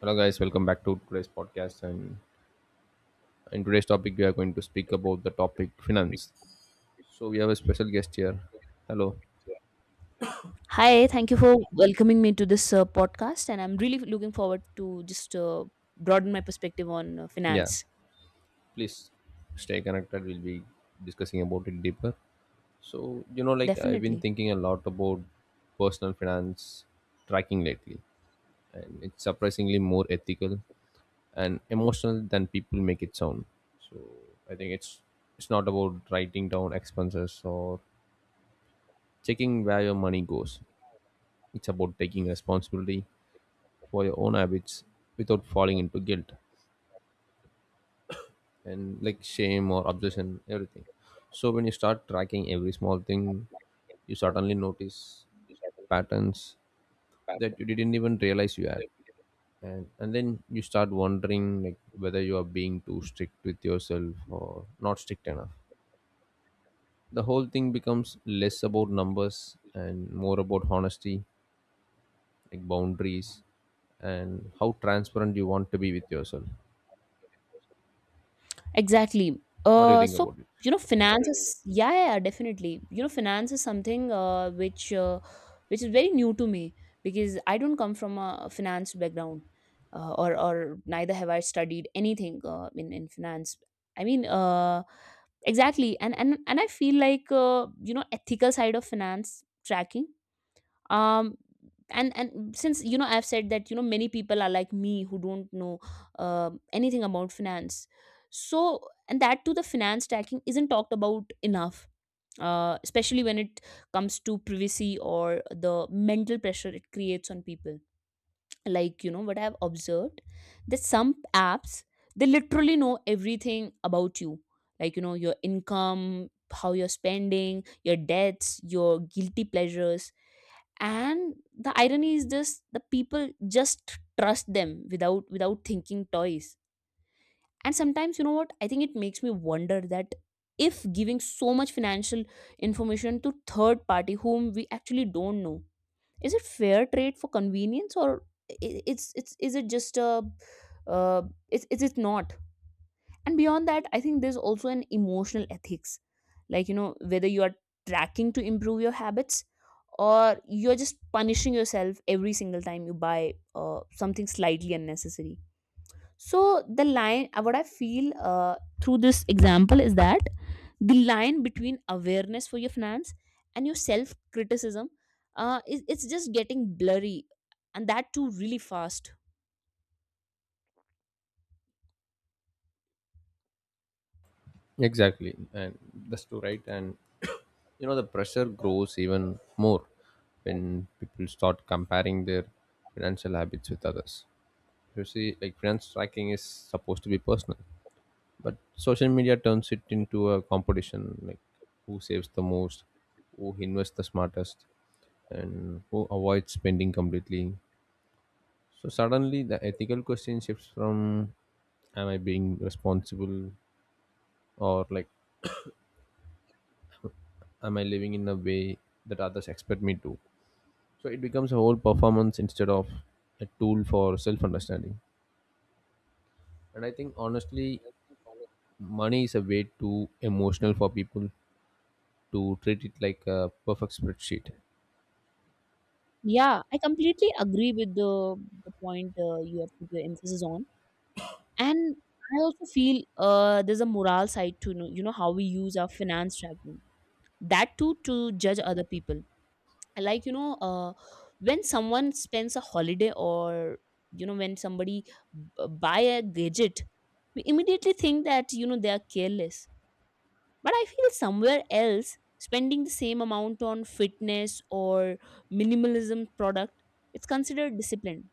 Hello, guys. Welcome back to today's podcast. And in today's topic, we are going to speak about the topic finance. So we have a special guest here. Hello. Hi, thank you for welcoming me to this podcast, and I'm really looking forward to just broaden my perspective on Yeah. finance. Please stay connected. We'll be discussing about it deeper. Like I've been Definitely, thinking a lot about personal finance tracking lately, and it's surprisingly more ethical and emotional than people make it sound. So I think it's not about writing down expenses or checking where your money goes. It's about taking responsibility for your own habits without falling into guilt and like shame or obsession everything. So when you start tracking every small thing, you suddenly notice patterns that you didn't even realize you had. And then you start wondering like whether you are being too strict with yourself or not strict enough. The whole thing becomes less about numbers and more about honesty, like boundaries and how transparent you want to be with yourself. exactly. What do you Uh, think so about it? you know, finance is yeah, yeah, yeah, definitely. You know, finance is something which is very new to me because I don't come from a finance background, or neither have I studied anything in finance. I mean, exactly, and and I feel like you know, ethical side of finance tracking um and since you know I've said that you know many people are like me who don't know anything about finance, so and that to the finance tracking isn't talked about enough, especially when it comes to privacy or the mental pressure it creates on people. Like you know what I've observed that some apps, they literally know everything about you, like you know your income, how you're spending, your debts, your guilty pleasures. And the irony is this, the people just trust them without thinking twice. And sometimes you know what I think, it makes me wonder that if giving so much financial information to third party whom we actually don't know, is it fair trade for convenience or I- it's is it just a uh, it's not. And beyond that I think there's also an emotional ethics, like you know whether you are tracking to improve your habits or you're just punishing yourself every single time you buy something slightly unnecessary. So the line what I feel through this example is that the line between awareness for your finance and your self criticism is it's just getting blurry, and that too really fast. Exactly, and that's too right. And you know, the pressure grows even more when people start comparing their financial habits with others. You see, like finance tracking is supposed to be personal, but social media turns it into a competition, like who saves the most, who invests the smartest, and who avoids spending completely. So, suddenly, the ethical question shifts from, am I being responsible, or like am I living in a way that others expect me to? So it becomes a whole performance instead of a tool for self understanding. And I think honestly money is a way too emotional for people to treat it like a perfect spreadsheet. Yeah, I completely agree with the point you have put your emphasis on. And I also feel there's a moral side to know, you know how we use our finance tracking. That too to judge other people. Like you know, when someone spends a holiday or you know when somebody buy a gadget, we immediately think that you know they are careless. But I feel somewhere else spending the same amount on fitness or minimalism product, it's considered discipline.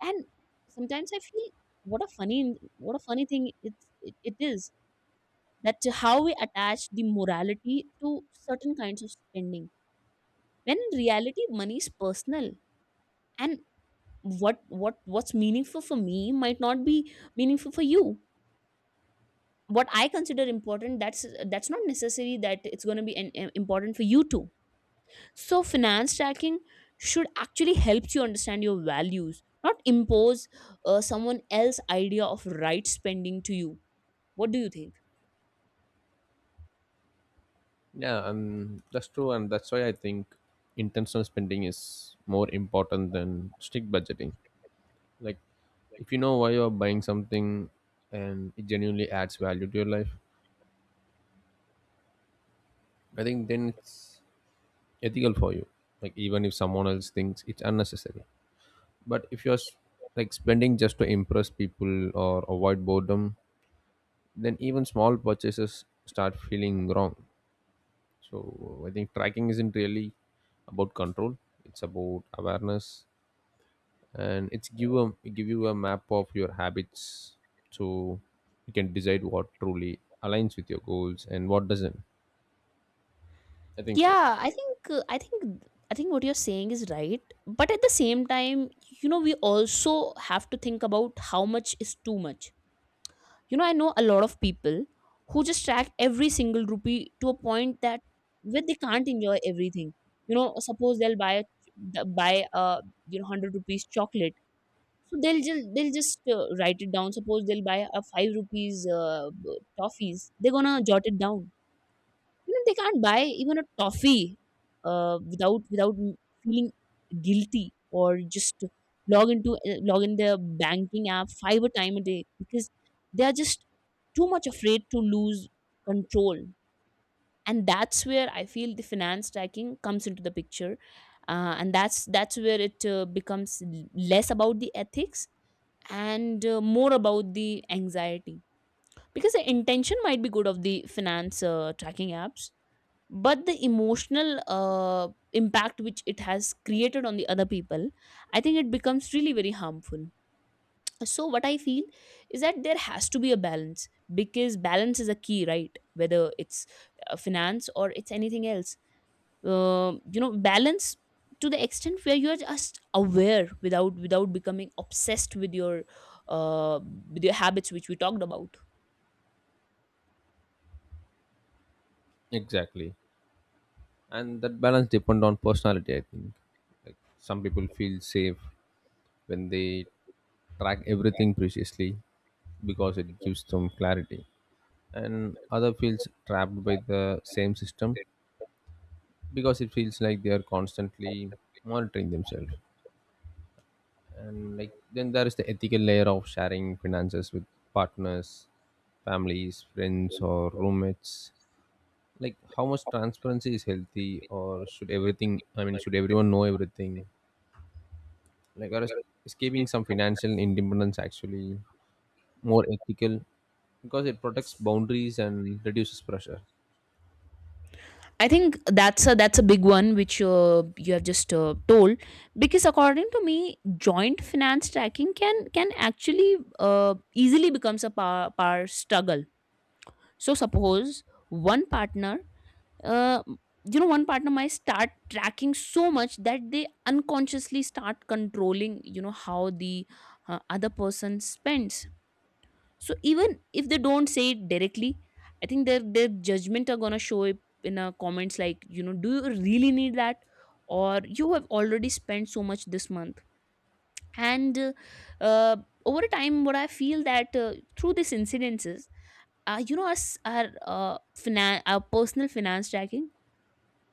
And sometimes I feel what a funny thing it is that how we attach the morality to certain kinds of spending, when in reality money is personal. And what's meaningful for me might not be meaningful for you. What I consider important, that's not necessary that it's going to be an important for you too. So finance tracking should actually help you understand your values, not impose someone else's idea of right spending to you. What do you think? Yeah, and that's true, and that's why I think intentional spending is more important than strict budgeting. Like, if you know why you're buying something and it genuinely adds value to your life, I think then it's ethical for you, like even if someone else thinks it's unnecessary. But if you're like spending just to impress people or avoid boredom, then even small purchases start feeling wrong. So I think tracking isn't really about control, it's about awareness, and it's give a give you a map of your habits. So you can decide what truly aligns with your goals and what doesn't, I think so. Yeah, I think I think what you're saying is right, but at the same time, you know we also have to think about how much is too much. You know I know a lot of people who just track every single rupee to a point that where they can't enjoy everything. You know suppose they'll buy a buy a you know 100 rupees chocolate, so they'll just write it down. Suppose they'll buy a 5 rupees toffees, they're gonna jot it down. You know, they can't buy even a toffee without feeling guilty, or just log in their banking app five a time a day, because they are just too much afraid to lose control. And that's where I feel the finance tracking comes into the picture, and that's where it becomes less about the ethics and more about the anxiety, because the intention might be good of the finance tracking apps, but the emotional impact which it has created on the other people, I think it becomes really very harmful. So what I feel is that there has to be a balance, because balance is a key, right, whether it's finance or it's anything else. You know, balance to the extent where you are just aware without becoming obsessed uh, with your habits which we talked about. Exactly, and that balance depend on personality, I think. Like some people feel safe when they track everything preciously because it gives them clarity, and other feels trapped by the same system because it feels like they are constantly monitoring themselves. And like then there is the ethical layer of sharing finances with partners, families, friends or roommates. Like how much transparency is healthy, or should everything, I mean, should everyone know everything? Like, or escaping some financial independence actually more ethical because it protects boundaries and reduces pressure. I think that's a big one which you have just told, because according to me, joint finance tracking can actually easily becomes a power struggle. So suppose one partner, uh, you know, one partner might start tracking so much that they unconsciously start controlling, you know, how the other person spends. So even if they don't say it directly, I think their judgment are gonna show up in a comments, like you know, do you really need that, or you have already spent so much this month. And uh, uh, over a time, what I feel that through these incidences, you know us our uh, our personal finance tracking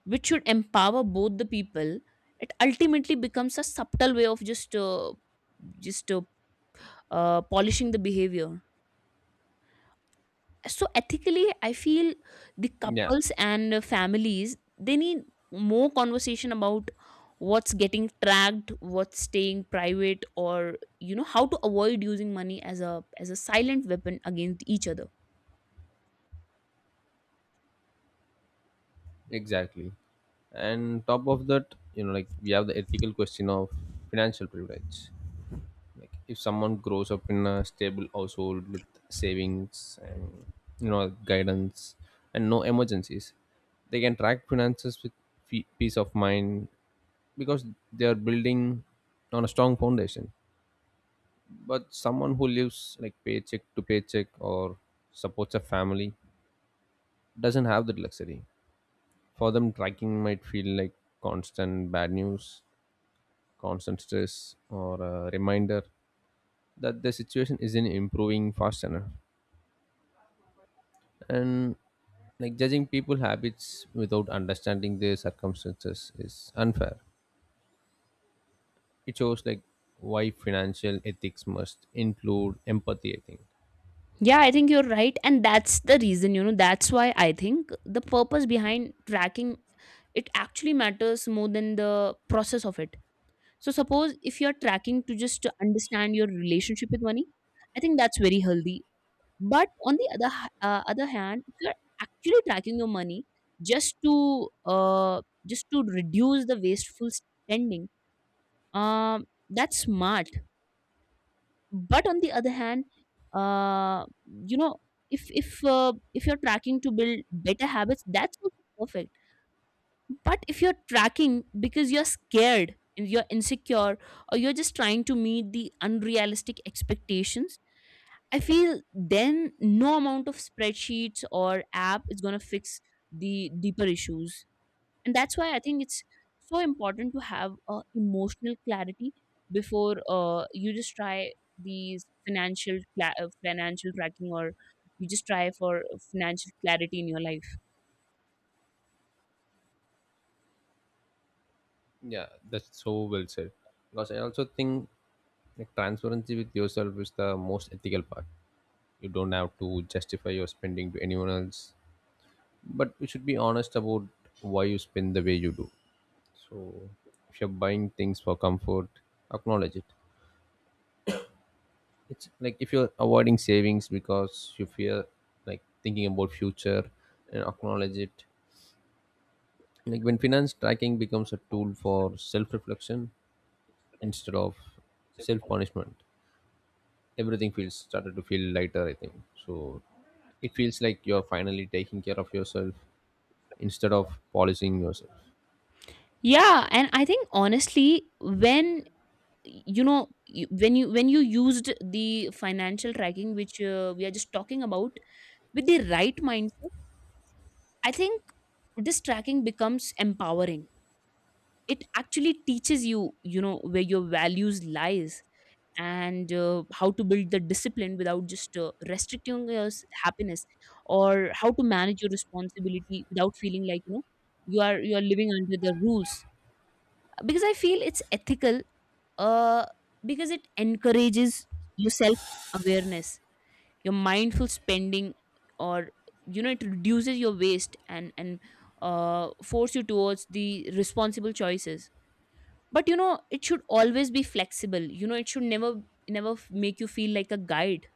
which should empower both the people, it ultimately becomes a subtle way of just polishing the behavior. So ethically I feel the Yeah, couples and families, they need more conversation about what's getting tracked, what's staying private, or you know how to avoid using money as a silent weapon against each other. exactly. And top of that, you know, like we have the ethical question of financial privilege. Like if someone grows up in a stable household with savings and you know guidance and no emergencies, they can track finances with peace of mind, because they are building on a strong foundation. But someone who lives like paycheck to paycheck or supports a family doesn't have that luxury. For them tracking might feel like constant bad news, constant stress, or a reminder that their situation isn't improving fast enough. And like judging people habits without understanding their circumstances is unfair. It shows like why financial ethics must include empathy, I think. Yeah, I think you're right, and that's the reason, you know, that's why I think the purpose behind tracking, it actually matters more than the process of it. So suppose if you're tracking to just to understand your relationship with money, I think that's very healthy. But on the other hand, if you're actually tracking your money just to reduce the wasteful spending, um, that's smart. But on the other hand, you know, if you're tracking to build better habits, that's also perfect. But if you're tracking because you're scared and you're insecure, or you're just trying to meet the unrealistic expectations, I feel then no amount of spreadsheets or app is going to fix the deeper issues. And that's why I think it's so important to have emotional clarity before you just try these financial tracking, or you just try for financial clarity in your life. Yeah, that's so well said. Because I also think like transparency with yourself is the most ethical part. You don't have to justify your spending to anyone else, but you should be honest about why you spend the way you do. So, if you're buying things for comfort, acknowledge it. It's like if you're avoiding savings because you fear like thinking about future, and acknowledge it. Like when finance tracking becomes a tool for self-reflection instead of self-punishment, everything feels started to feel lighter, I think. So it feels like you're finally taking care of yourself instead of polishing yourself. Yeah, and I think honestly when you know when you used the financial tracking which we are just talking about with the right mindset, I think this tracking becomes empowering. It actually teaches you, you know, where your values lies, and how to build the discipline without just restricting your happiness, or how to manage your responsibility without feeling like, you know, you are living under the rules. Because I feel it's ethical uh because it encourages your self awareness, your mindful spending, or you know it reduces your waste, and force you towards the responsible choices. But you know it should always be flexible, you know it should never make you feel like a guide.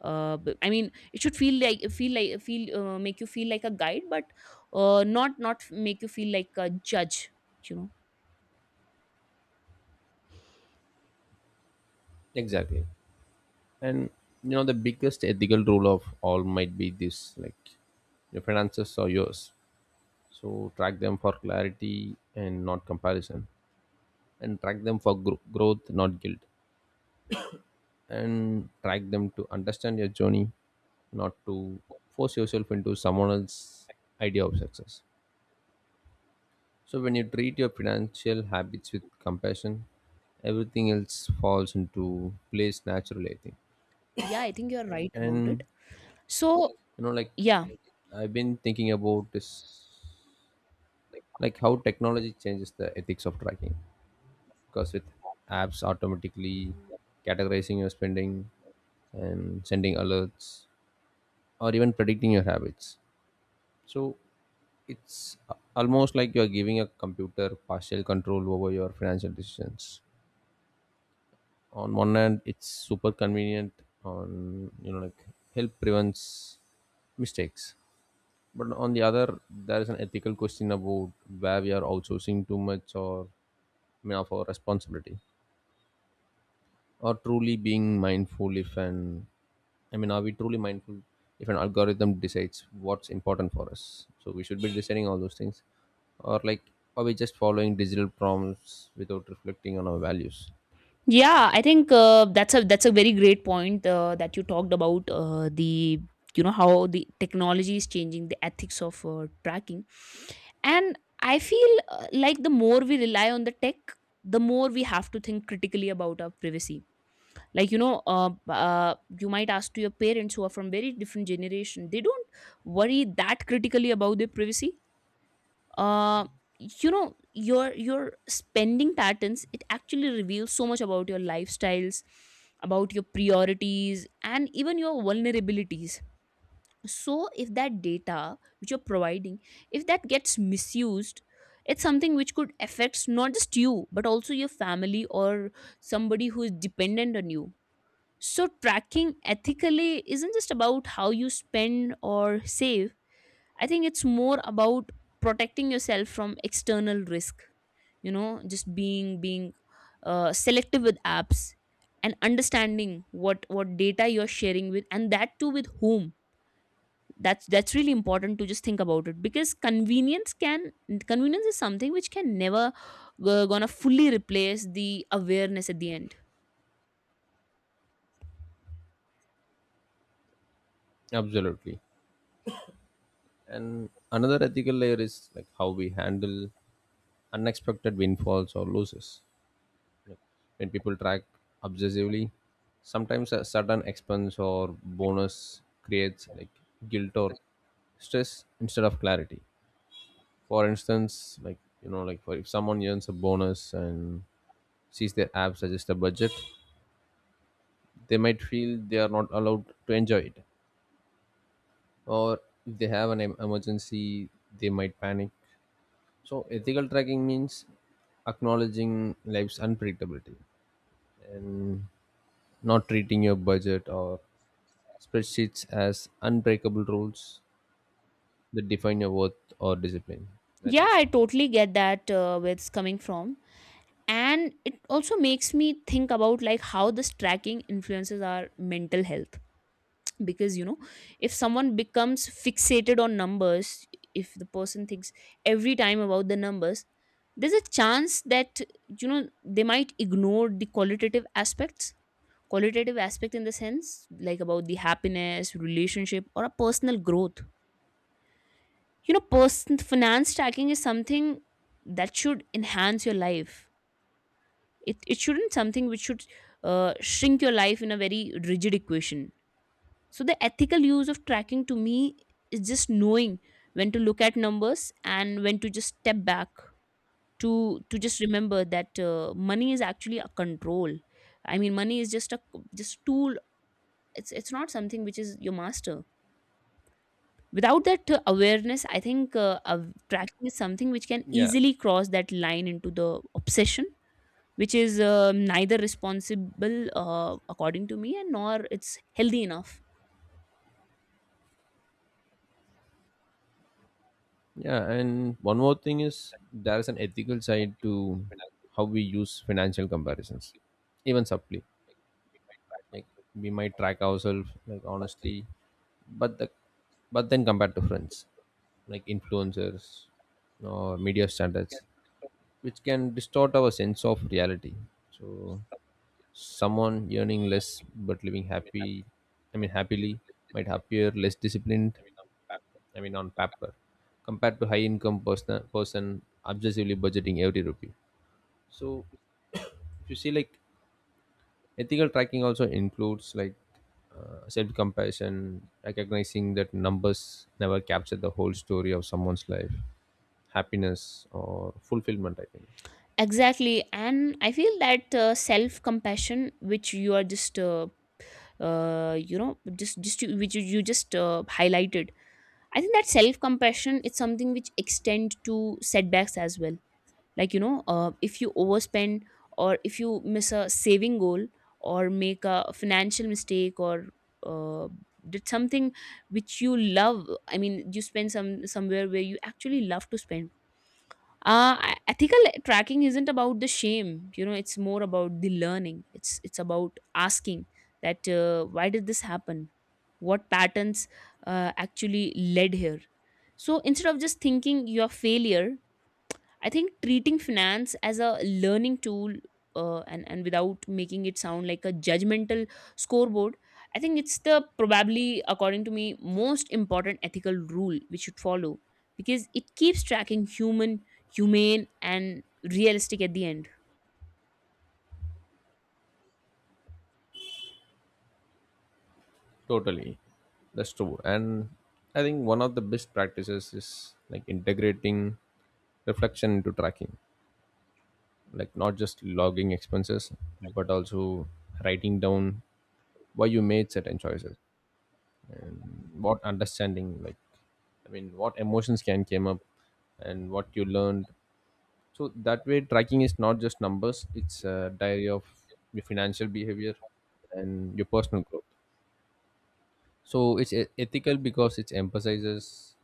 I mean, it should feel like feel like feel make you feel like a guide, but not make you feel like a judge. You know. Exactly, and you know, the biggest ethical rule of all might be this, like your finances are yours. So track them for clarity and not comparison, and track them for growth not guilt, and track them to understand your journey, not to force yourself into someone else's idea of success. So, when you treat your financial habits with compassion, everything else falls into place naturally, I think. Yeah, I think you're right about it. And So you know, like yeah, I've been thinking about this, like how technology changes the ethics of tracking, because with apps automatically categorizing your spending and sending alerts or even predicting your habits. So, it's almost like you're giving a computer partial control over your financial decisions. On one hand it's super convenient, on you know like help prevents mistakes, but on the other there is an ethical question about where we are outsourcing too much, or I mean of our responsibility. Or truly being mindful if an, I mean, are we truly mindful if an algorithm decides what's important for us, so we should be deciding all those things? Or like, are we just following digital prompts without reflecting on our values? yeah, I think that's a very great point that you talked about, the you know how the technology is changing the ethics of tracking. And I feel like the more we rely on the tech, the more we have to think critically about our privacy. Like you know, you might ask to your parents who are from very different generation, they don't worry that critically about their privacy. uh, you know your spending patterns, it actually reveals so much about your lifestyles, about your priorities, and even your vulnerabilities. So if that data which you're providing, if that gets misused, it's something which could affect not just you but also your family or somebody who is dependent on you. So tracking ethically isn't just about how you spend or save, I think it's more about protecting yourself from external risk, you know, just being selective with apps and understanding what data you're sharing with, and that too with whom. That's really important to just think about it, because convenience is something which can never gonna fully replace the awareness at the end. Absolutely. And another ethical layer is like how we handle unexpected windfalls or losses. When people track obsessively, sometimes a sudden expense or bonus creates like guilt or stress instead of clarity. For instance, like you know, like for if someone earns a bonus and sees their app suggest a budget, they might feel they are not allowed to enjoy it. Or if they have an emergency, they might panic. So ethical tracking means acknowledging life's unpredictability and not treating your budget or spreadsheets as unbreakable rules that define your worth or discipline. I Yeah, think. I totally get that where it's coming from, and it also makes me think about like how this tracking influences our mental health, because you know if someone becomes fixated on numbers, if the person thinks every time about the numbers, there's a chance that they might ignore the qualitative aspects, qualitative aspect, in the sense like about the happiness relationship or a personal growth. You know, person finance tracking is something that should enhance your life. It shouldn't something which should shrink your life in a very rigid equation. So the ethical use of tracking to me is just knowing when to look at numbers and when to just step back, to just remember that money is actually a control. I mean money is just a just tool. It's not something which is your master. Without that awareness, I think tracking is something which can Yeah. easily cross that line into the obsession, which is neither responsible according to me, and nor it's healthy enough. Yeah. And one more thing is there is an ethical side to how we use financial comparisons, even subtly. Like we might track ourselves like honestly, but the, but then compared to friends, like influencers or media standards, which can distort our sense of reality. So someone earning less but living happy, I mean happily, might appear less disciplined, I mean on paper, compared to high income person obsessively budgeting every rupee. So if you see like ethical tracking also includes like self compassion, recognizing that numbers never capture the whole story of someone's life, happiness, or fulfillment. I think. Exactly, and I feel that self compassion which you are just uh, you know which you just highlighted, I think that self compassion is something which extend to setbacks as well. Like you know, if you overspend, or if you miss a saving goal, or make a financial mistake, or uh, did something which you love, I mean you spend somewhere where you actually love to spend. Ethical tracking isn't about the shame, you know, it's more about the learning. It's about asking that why did this happen, what patterns actually led here. So instead of just thinking your failure, I think treating finance as a learning tool, and without making it sound like a judgmental scoreboard, I think it's the probably according to me most important ethical rule we should follow, because it keeps tracking human, humane, and realistic at the end. Totally, that's true. And I think one of the best practices is like integrating reflection into tracking, like not just logging expenses, but also writing down why you made certain choices, what understanding like, I mean what emotions can came up and what you learned. So that way tracking is not just numbers, it's a diary of your financial behavior and your personal growth. So it's ethical because it emphasizes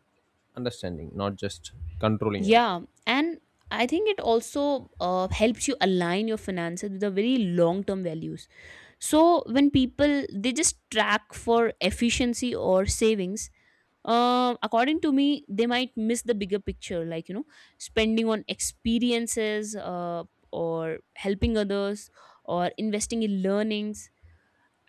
understanding not just controlling everything. Yeah, and I think it also helps you align your finances with the very long term values. So when people they just track for efficiency or savings, according to me they might miss the bigger picture, like you know spending on experiences, or helping others, or investing in learnings.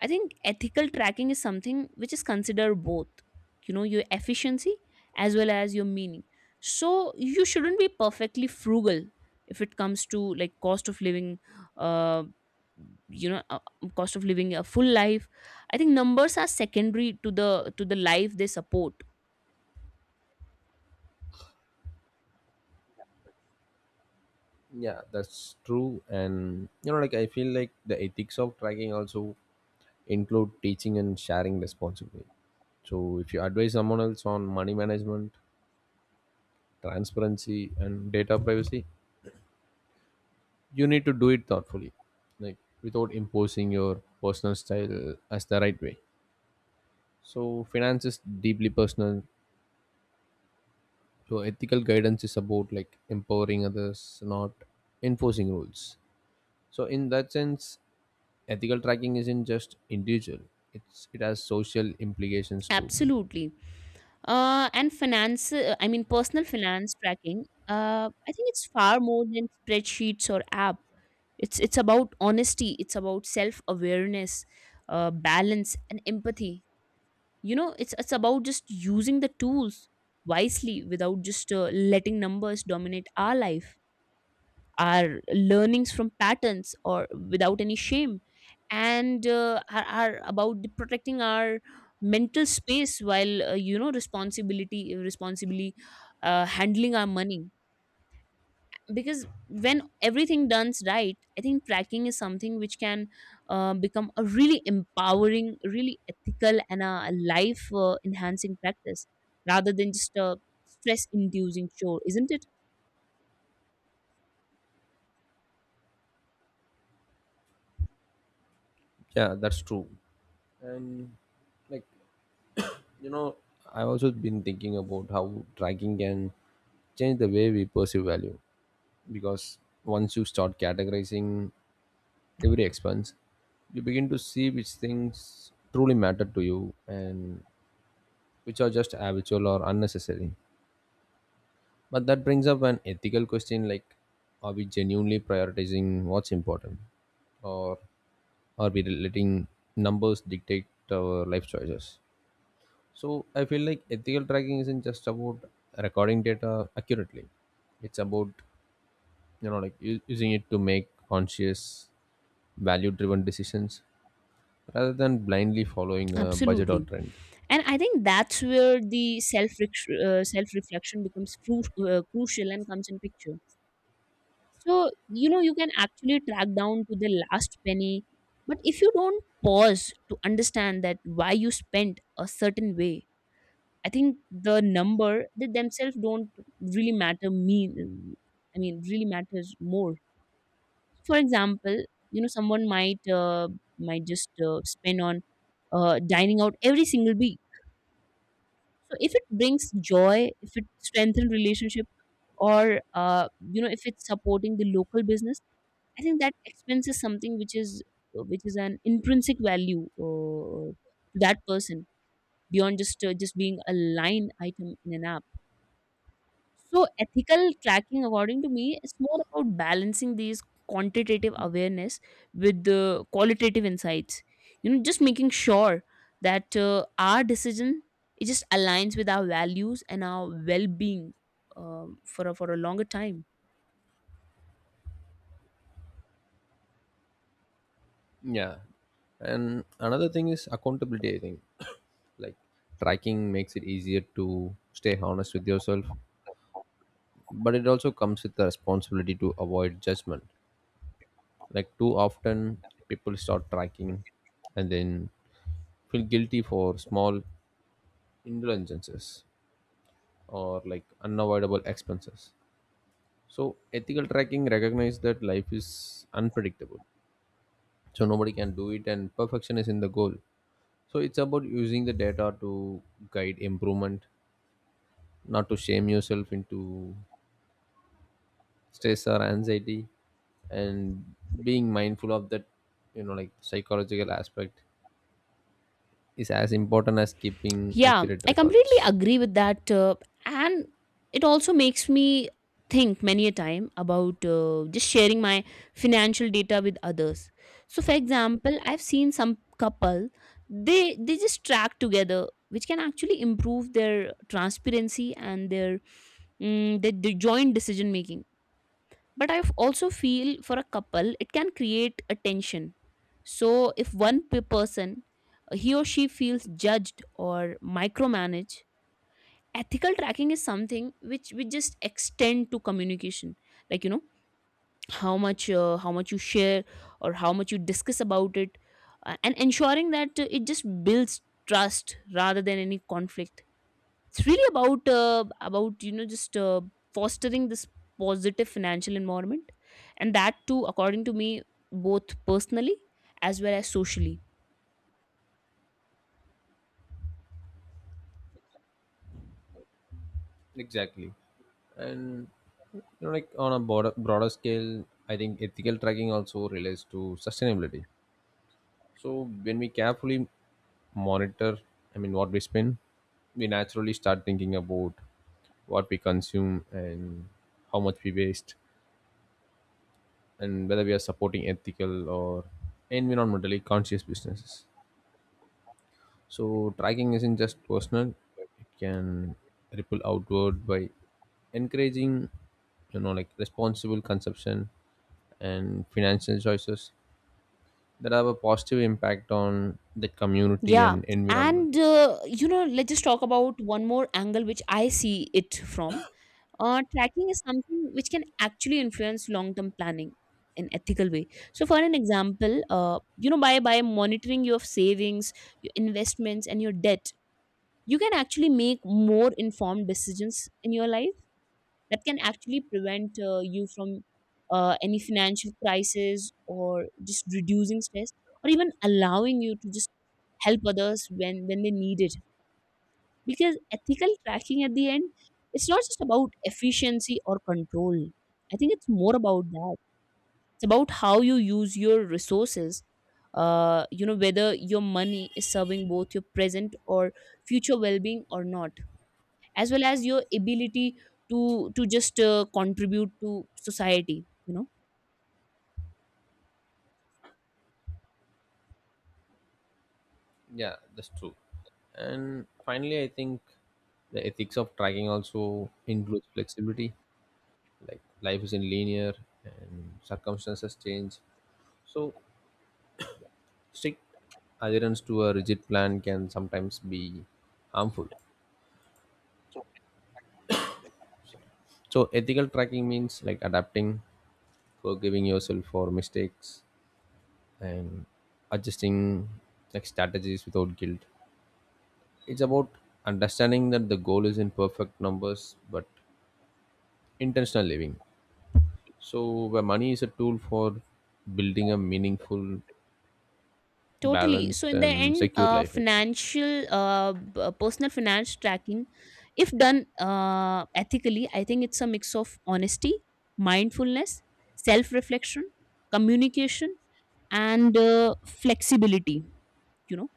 I think ethical tracking is something which is considered both, you know, your efficiency as well as your meaning. So you shouldn't be perfectly frugal if it comes to like cost of living, uh you know uh, cost of living a full life. I think numbers are secondary to the life they support. Yeah, that's true, and you know like I feel like the ethics of tracking also include teaching and sharing responsibly. So if you advise someone else on money management, transparency and data privacy, you need to do it thoughtfully, like without imposing your personal style as the right way. So finance is deeply personal, so ethical guidance is about like empowering others, not enforcing rules. So in that sense, ethical tracking isn't just individual, it has social implications too. Absolutely. And finance, I mean, personal finance tracking, I think it's far more than spreadsheets or app. It's about honesty, it's about self awareness, balance, and empathy. You know, it's about just using the tools wisely without just letting numbers dominate our life. Our learnings from patterns or without any shame, and are about the protecting our mental space while responsibility responsibly handling our money. Because when everything done's right, I think tracking is something which can become a really empowering, really ethical and a life enhancing practice, rather than just a stress inducing chore, isn't it? Yeah, that's true, and like, you know, I've also been thinking about how tracking can change the way we perceive value. Because once you start categorizing every expense, you begin to see which things truly matter to you and which are just habitual or unnecessary. But that brings up an ethical question like, are we genuinely prioritizing what's important? Or are we letting numbers dictate our life choices? So I feel like ethical tracking isn't just about recording data accurately. It's about you know like using it to make conscious, value-driven decisions rather than blindly following a budget Absolutely, or trend. and I think that's where the self reflection becomes crucial and comes in picture. So you know, you can actually track down to the last penny, but if you don't pause to understand that why you spent a certain way, I think the number they themselves don't really matter mean, I mean really matters more. For example, you know someone might just spend on dining out every single week. So if it brings joy, if it strengthens relationship, or if it's supporting the local business, I think that expense is something which is an intrinsic value to that person, beyond just being a line item in an app. So ethical tracking, according to me, is more about balancing these quantitative awareness with the qualitative insights. You know, just making sure that our decision it just aligns with our values and our well-being, for for a longer time. Yeah, and another thing is accountability. I think like tracking makes it easier to stay honest with yourself, but it also comes with the responsibility to avoid judgment. Like too often, people start tracking and then feel guilty for small indulgences or like unavoidable expenses. So ethical tracking recognizes that life is unpredictable. So nobody can do it and perfection is in the goal. So it's about using the data to guide improvement, not to shame yourself into stress or anxiety, and being mindful of that, you know, like psychological aspect is as important as keeping Yeah, accurate I completely records. agree with that. And it also makes me think many a time about just sharing my financial data with others. So, for example, I've seen some couple, they just track together, which can actually improve their transparency and their joint decision making. But I also feel for a couple it can create a tension. So if one person he or she feels judged or micromanaged, ethical tracking is something which we just extend to communication. Like you know, how much you share or how much you discuss about it, and ensuring that it just builds trust rather than any conflict. It's really about you know just fostering this positive financial environment, and that too according to me, both personally as well as socially. Exactly. And you know, like on a broader scale, I think ethical tracking also relates to sustainability. So when we carefully monitor, I mean what we spend, we naturally start thinking about what we consume and how much we waste, and whether we are supporting ethical or environmentally conscious businesses. So, tracking isn't just personal, it can ripple outward by encouraging, you know, like responsible consumption and financial choices that have a positive impact on the community Yeah, and environment. and I think. You know, let's just talk about one more angle which I see it from. Tracking is something which can actually influence long-term planning in ethical way. So for an example, by monitoring your savings, your investments and your debt, you can actually make more informed decisions in your life, that can actually prevent you from any financial crisis, or just reducing stress, or even allowing you to just help others when they need it. Because ethical tracking at the end, it's not just about efficiency or control. I think it's more about that, it's about how you use your resources. You know, whether your money is serving both your present or future well-being or not, as well as your ability to just contribute to society, you know. Yeah, that's true. And finally, I think the ethics of tracking also includes flexibility, like life isn't linear and circumstances change. So, strict adherence to a rigid plan can sometimes be harmful. So, ethical tracking means like adapting, forgiving yourself for mistakes, and adjusting like strategies without guilt. It's about understanding that the goal is in perfect numbers but intentional living. So, where money is a tool for building a meaningful, Totally, so balanced, in the and end secure life, I think. financial personal finance tracking, if done ethically, I think it's a mix of honesty, mindfulness, self reflection, communication, and flexibility, you know,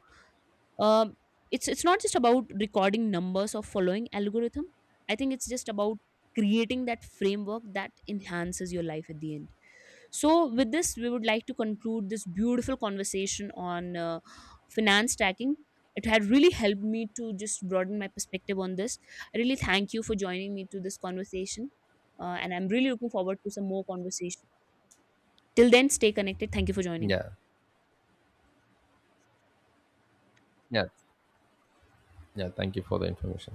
um, it's not just about recording numbers or following algorithm. I think it's just about creating that framework that enhances your life at the end. So with this, we would like to conclude this beautiful conversation on finance stacking. It had really helped me to just broaden my perspective on this. I really thank you for joining me to this conversation. And I'm really looking forward to some more conversation. Till then, stay connected. Thank you for joining. Yeah. Yeah. Yeah. Thank you for the information.